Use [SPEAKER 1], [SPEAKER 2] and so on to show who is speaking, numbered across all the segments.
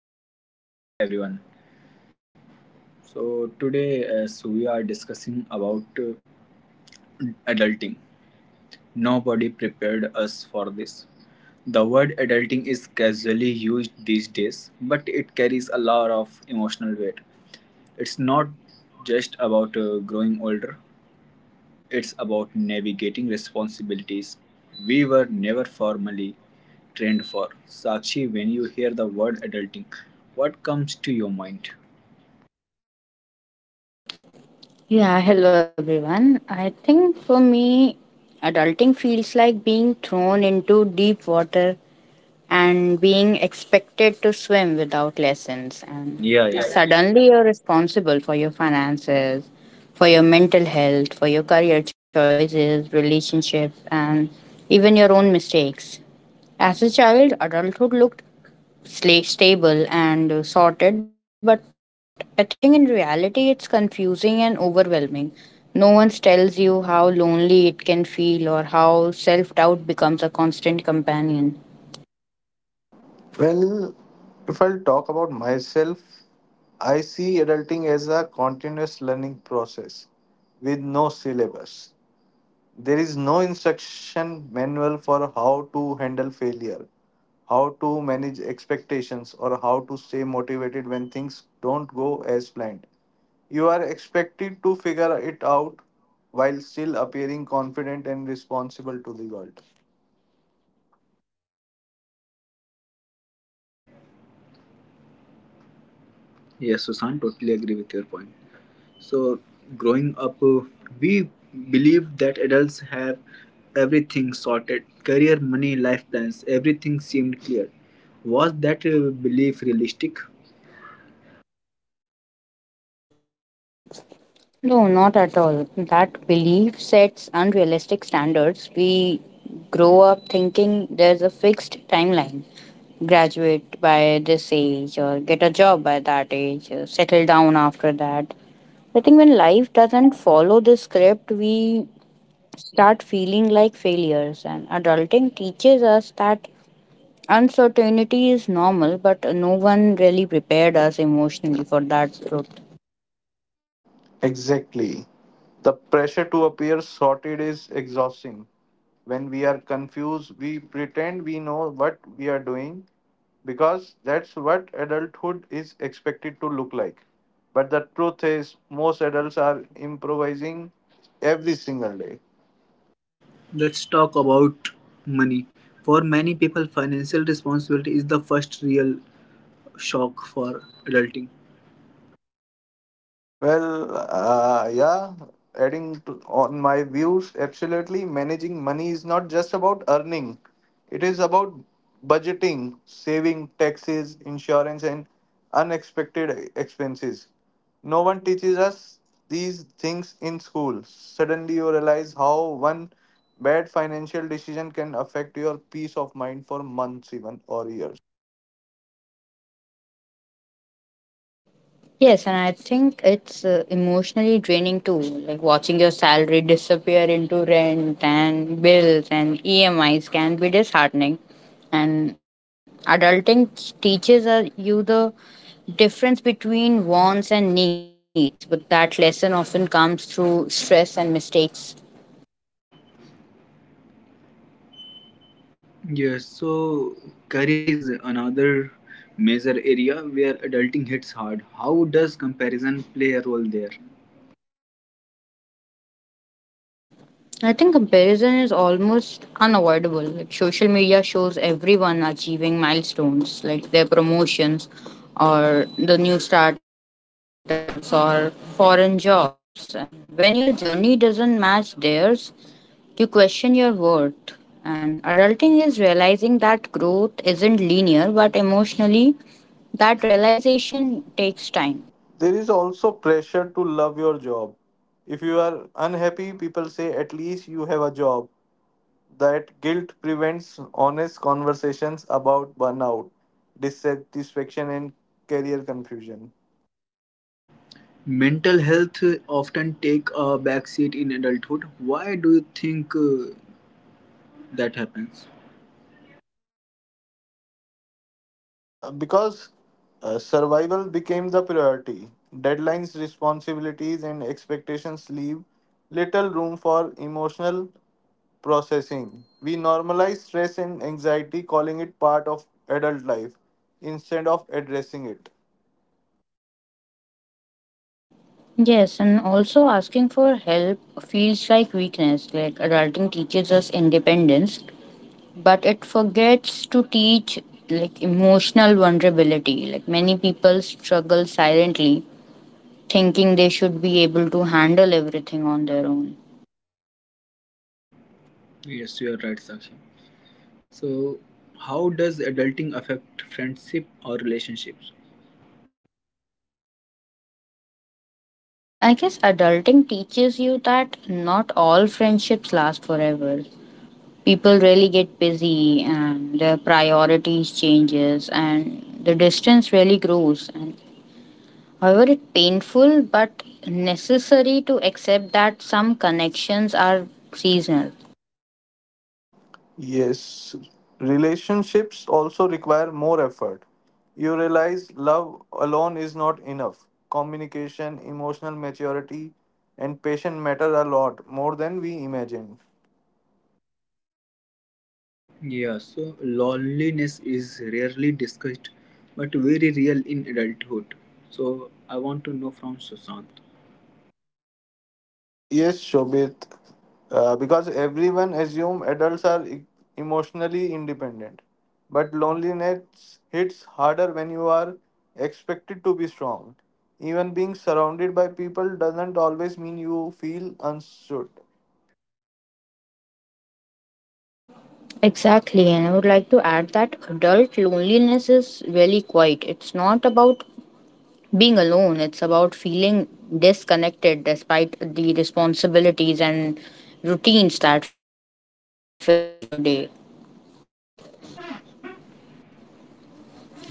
[SPEAKER 1] morning today. Welcome everyone. So, today as we are discussing about adulting. Nobody prepared us for this. The word adulting is casually used these days, but it carries a lot of emotional weight. It's not just about growing older. It's about navigating responsibilities we were never formally trained for. Sakshi, when you hear the word adulting, what comes to your mind?
[SPEAKER 2] Yeah, hello everyone. I think for me, adulting feels like being thrown into deep water and being expected to swim without lessons. And
[SPEAKER 1] Yeah,
[SPEAKER 2] yeah,
[SPEAKER 1] yeah.
[SPEAKER 2] suddenly you're responsible for your finances, for your mental health, for your career choices, relationships, and even your own mistakes. As a child, adulthood looked stable and sorted, but I think in reality it's confusing and overwhelming. No one tells you how lonely it can feel or how self doubt becomes a constant companion.
[SPEAKER 1] Yes, Susan, totally agree with your point. So, growing up, we believe that adults have everything sorted, career, money, life plans, everything seemed clear. Was that belief realistic?
[SPEAKER 2] No, not at all. That belief sets unrealistic standards. We grow up thinking there's a fixed timeline, graduate by this age, or get a job by that age, or settle down after that. I think when life doesn't follow this script, we start feeling like failures. And adulting teaches us that uncertainty is normal, but no one really prepared us emotionally for that truth.
[SPEAKER 1] Let's talk about money. For many people, financial responsibility is the first real shock for adulting.
[SPEAKER 2] Yes, and I think it's emotionally draining too. Like watching your salary disappear into rent and bills and EMIs can be disheartening. And adulting teaches us- you the difference between wants and needs, but that lesson often comes through stress and mistakes.
[SPEAKER 1] Yes, so career is another major area where adulting hits hard. How does comparison play a role there?
[SPEAKER 2] I think comparison is almost unavoidable. Like social media shows everyone achieving milestones, like their promotions or the new startups or foreign jobs. And when your journey doesn't match theirs, you question your worth. And adulting is realizing that growth isn't linear, but emotionally, that realization takes time.
[SPEAKER 1] Mental health often take a backseat in adulthood. Why do you think that happens?
[SPEAKER 2] Yes, and also asking for help feels like weakness. Like adulting teaches us independence, but it forgets to teach like emotional vulnerability. Like many people struggle silently, thinking they should be able to handle everything on their own.
[SPEAKER 1] Yes, you are right, Sakshi. So, how does adulting affect friendship or relationships?
[SPEAKER 2] I guess adulting teaches you that not all friendships last forever. People really get busy and their priorities changes and the distance really grows and however, it's painful but necessary to accept that some connections are seasonal.
[SPEAKER 1] Yeah, so loneliness is rarely discussed but very real in adulthood. So I want to know from Sushant.
[SPEAKER 2] Exactly, and I would like to add that adult loneliness is really quiet. It's not about being alone, it's about feeling disconnected despite the responsibilities and routines that filling your day.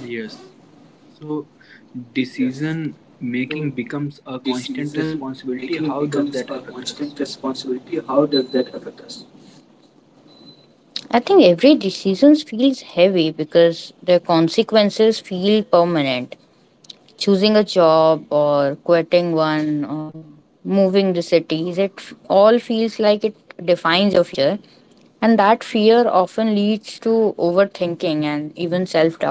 [SPEAKER 1] Yes. So decision making becomes a constant responsibility. How does that affect us?
[SPEAKER 2] I think every decision feels heavy because the consequences feel permanent. Choosing a job or quitting one or moving the cities, it all feels like it defines your future, and that fear often leads to overthinking and even self-doubt.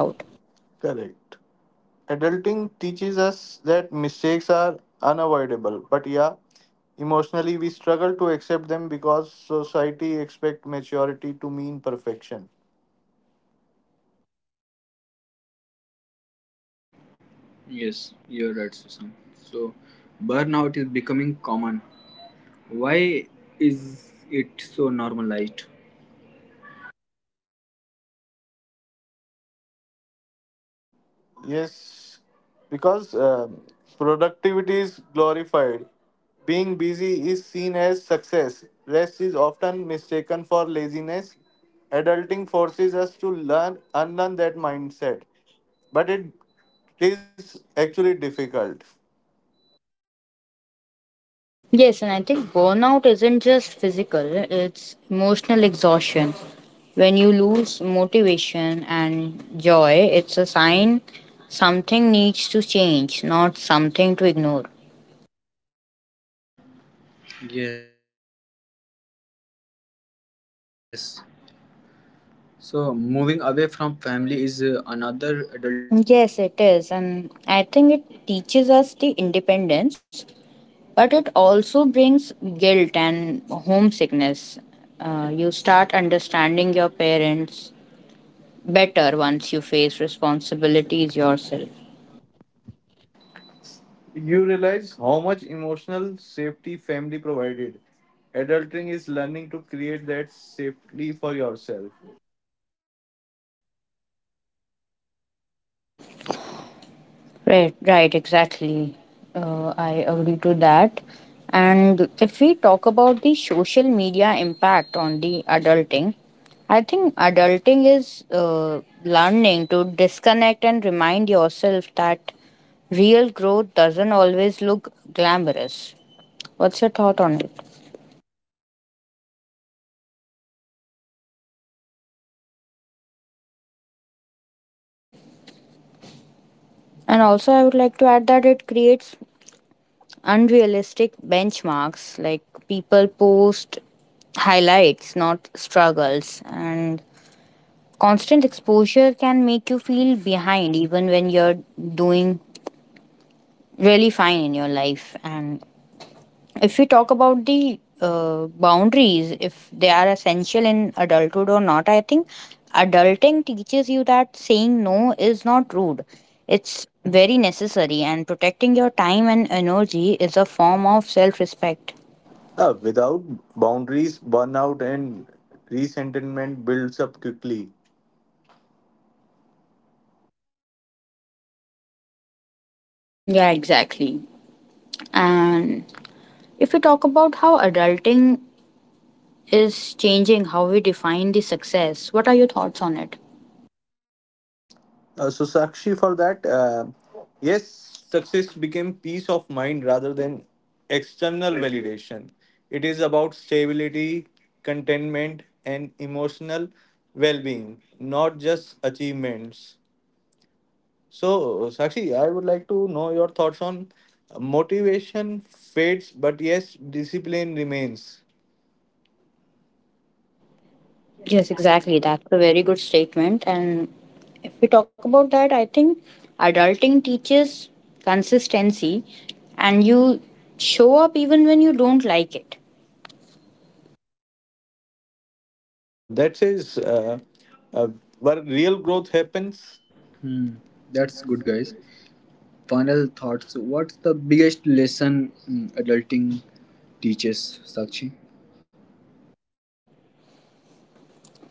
[SPEAKER 1] Yes, you're right, Sushant. So burnout is becoming common. Why is it so normalized?
[SPEAKER 2] Yes, and I think burnout isn't just physical, it's emotional exhaustion. When you lose motivation and joy, it's a sign something needs to change, not something to ignore.
[SPEAKER 1] Yes. So moving away from family is another adult
[SPEAKER 2] Yes, it is. And I think it teaches us the independence, but it also brings guilt and homesickness. You start understanding your parents better once you face responsibilities yourself. Right, right, exactly. I agree to that. And if we talk about the social media impact on the adulting, I think adulting is learning to disconnect and remind yourself that real growth doesn't always look glamorous. What's your thought on it? And also, I would like to add that it creates unrealistic benchmarks, like people post highlights, not struggles, and constant exposure can make you feel behind even when you're doing really fine in your life. And if we talk about the boundaries, if they are essential in adulthood or not, I think adulting teaches you that saying no is not rude, it's very necessary, and protecting your time and energy is a form of self respect. Yeah, exactly. And if we talk about how adulting is changing how we define the success. What are your thoughts on it? Yes, exactly. That's a very good statement. And if we talk about that, I think adulting teaches consistency and you show up even when you don't like it.
[SPEAKER 3] That's good, guys. Final thoughts. What's the biggest lesson adulting teaches, Sakshi?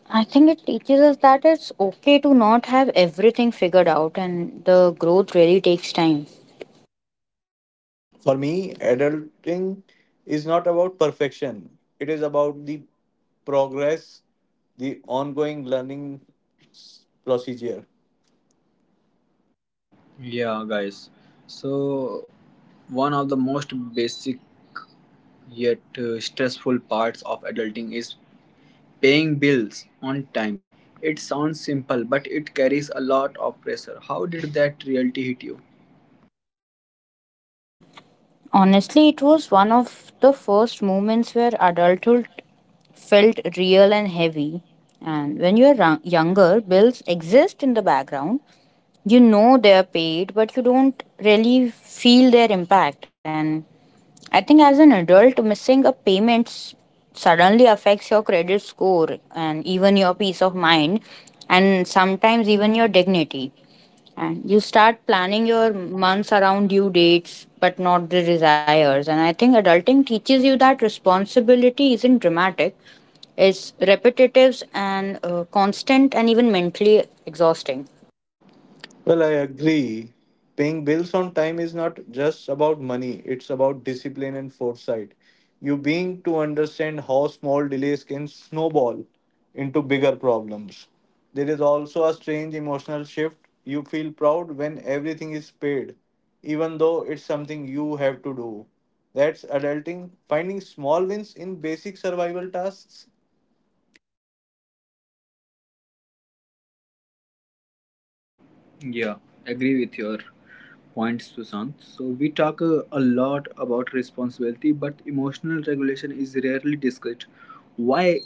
[SPEAKER 2] I think it teaches us that it's okay to not have everything figured out and the growth really takes time.
[SPEAKER 3] Yeah, guys. So, one of the most basic yet stressful parts of adulting is paying bills on time. It sounds simple, but it carries a lot of pressure. How did that reality hit you?
[SPEAKER 2] Honestly, it was one of the first moments where adulthood felt real and heavy. And when you're younger, bills exist in the background. You know they're paid, but you don't really feel their impact. And I think as an adult, missing a payment suddenly affects your credit score and even your peace of mind, and sometimes even your dignity. And you start planning your months around due dates, but not the desires. And I think adulting teaches you that responsibility isn't dramatic, it's repetitive and constant and even mentally exhausting.
[SPEAKER 3] Yeah, agree with your points, Sushant. So we talk a lot about responsibility, but emotional regulation is rarely discussed. Why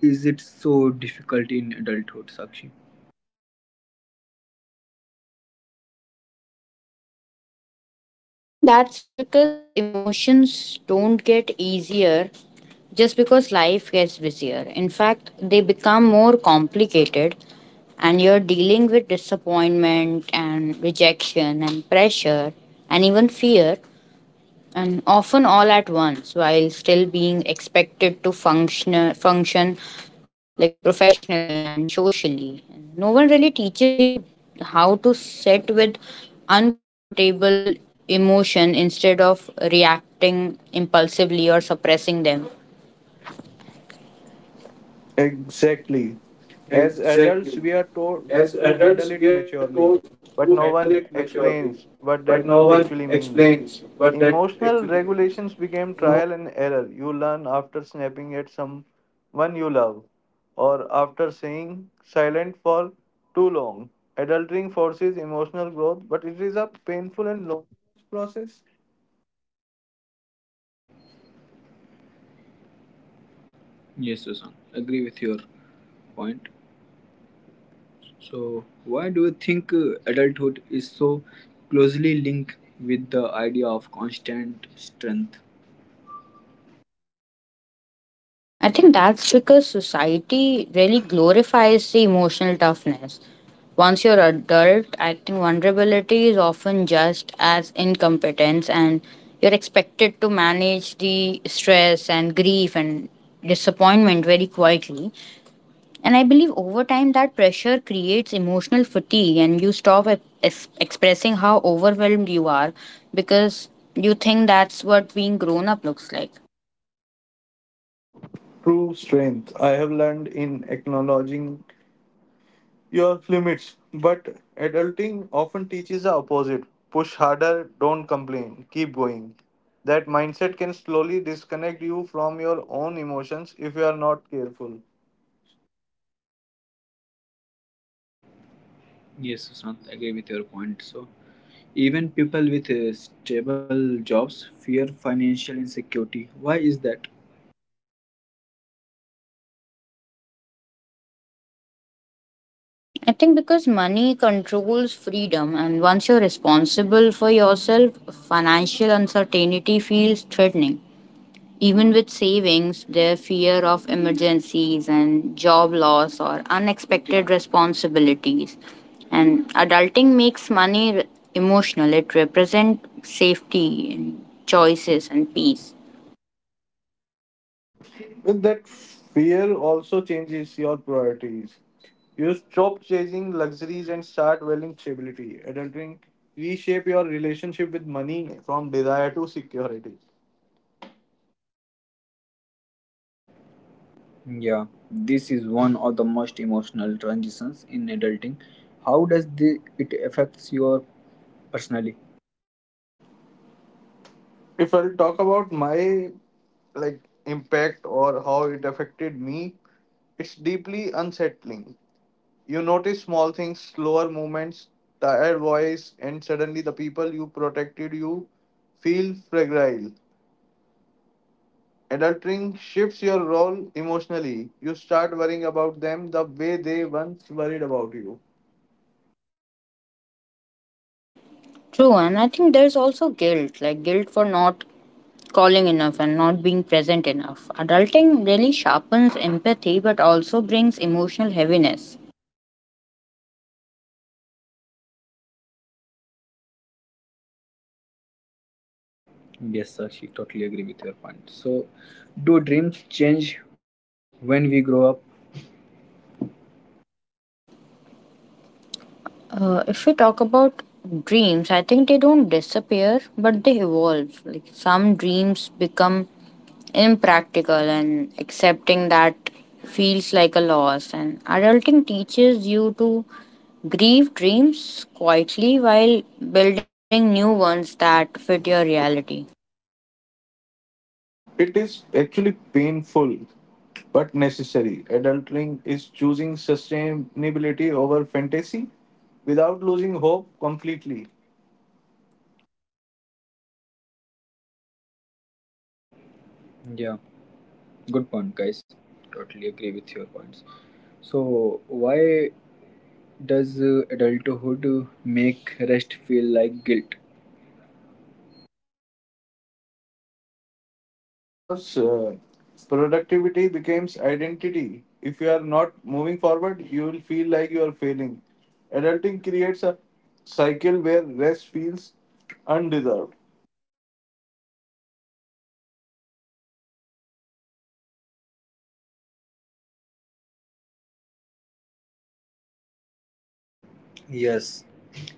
[SPEAKER 3] is it so difficult in adulthood, Sakshi?
[SPEAKER 2] I think that's because emotions don't get easier just because life gets busier. In fact, they become more complicated, and you're dealing with disappointment and rejection and pressure and even fear and often all at once while still being expected to function like professionally and socially. No one really teaches you how to sit with uncomfortable emotion instead of reacting impulsively or suppressing them.
[SPEAKER 3] Yes, Sushant, agree with your point. So why do you think adulthood is so closely linked with the idea of constant strength?
[SPEAKER 2] I think that's because society really glorifies the emotional toughness. Once you're adult, I think vulnerability is often just as incompetence and you're expected to manage the stress and grief and disappointment very quietly. And I believe over time that pressure creates emotional fatigue and you stop expressing how overwhelmed you are because you think that's what being grown up looks like.
[SPEAKER 3] Yes, Sushant, agree with your point. So even people with stable jobs fear financial insecurity. Why is that?
[SPEAKER 2] I think because money controls freedom, and once you're responsible for yourself, financial uncertainty feels threatening. Even with savings, their fear of emergencies and job loss or unexpected responsibilities. And adulting makes money emotional, it represents safety and choices and peace.
[SPEAKER 3] Yeah, this is one of the most emotional transitions in adulting. How does it affects your personally?
[SPEAKER 2] True, and I think there's also guilt, like guilt for not calling enough and not being present enough. Adulting really sharpens empathy but also brings emotional heaviness.
[SPEAKER 3] Yes, sir, she totally agree with your point. So, do dreams change when we grow up?
[SPEAKER 2] If we talk about dreams, I think they don't disappear, but they evolve. Like some dreams become impractical, and accepting that feels like a loss. And adulting teaches you to grieve dreams quietly while building new ones that fit your reality.
[SPEAKER 3] Yeah, good point, guys. Totally agree with your points. So, why does adulthood make rest feel like guilt?
[SPEAKER 2] Yes, and learning to pause without guilt, I think, is one of the hardest adulting lessons.
[SPEAKER 3] Yes,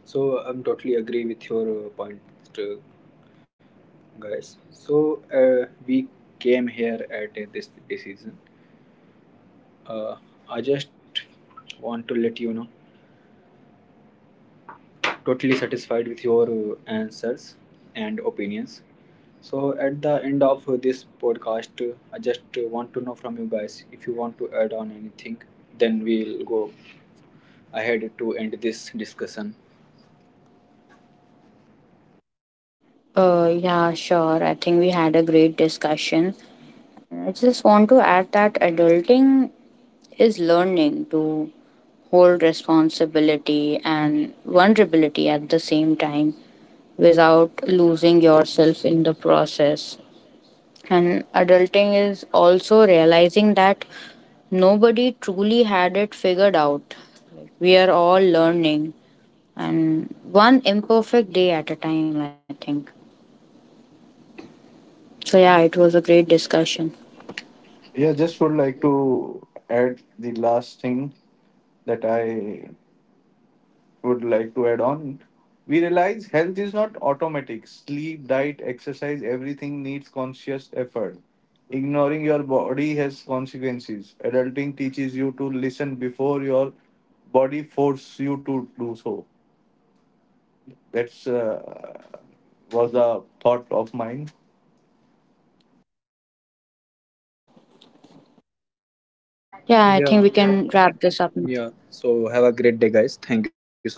[SPEAKER 3] so I'm totally agree with your point, uh, guys. So we came here at this decision. Uh, I just want to let you know, totally satisfied with your answers and opinions. So at the end of this podcast, I just want to know from you guys if you want to add on anything. Then we'll go ahead to end this discussion.
[SPEAKER 2] Yeah, sure. I think we had a great discussion. I just want to add that adulting is learning to hold responsibility and vulnerability at the same time without losing yourself in the process. And adulting is also realizing that nobody truly had it figured out. Like, we are all learning and one imperfect day at a time, I think. So, yeah, it was a great discussion. Yeah, I
[SPEAKER 3] Yeah.
[SPEAKER 2] think we can wrap this up now.
[SPEAKER 3] Yeah. So have a great day, guys. Thank you so much.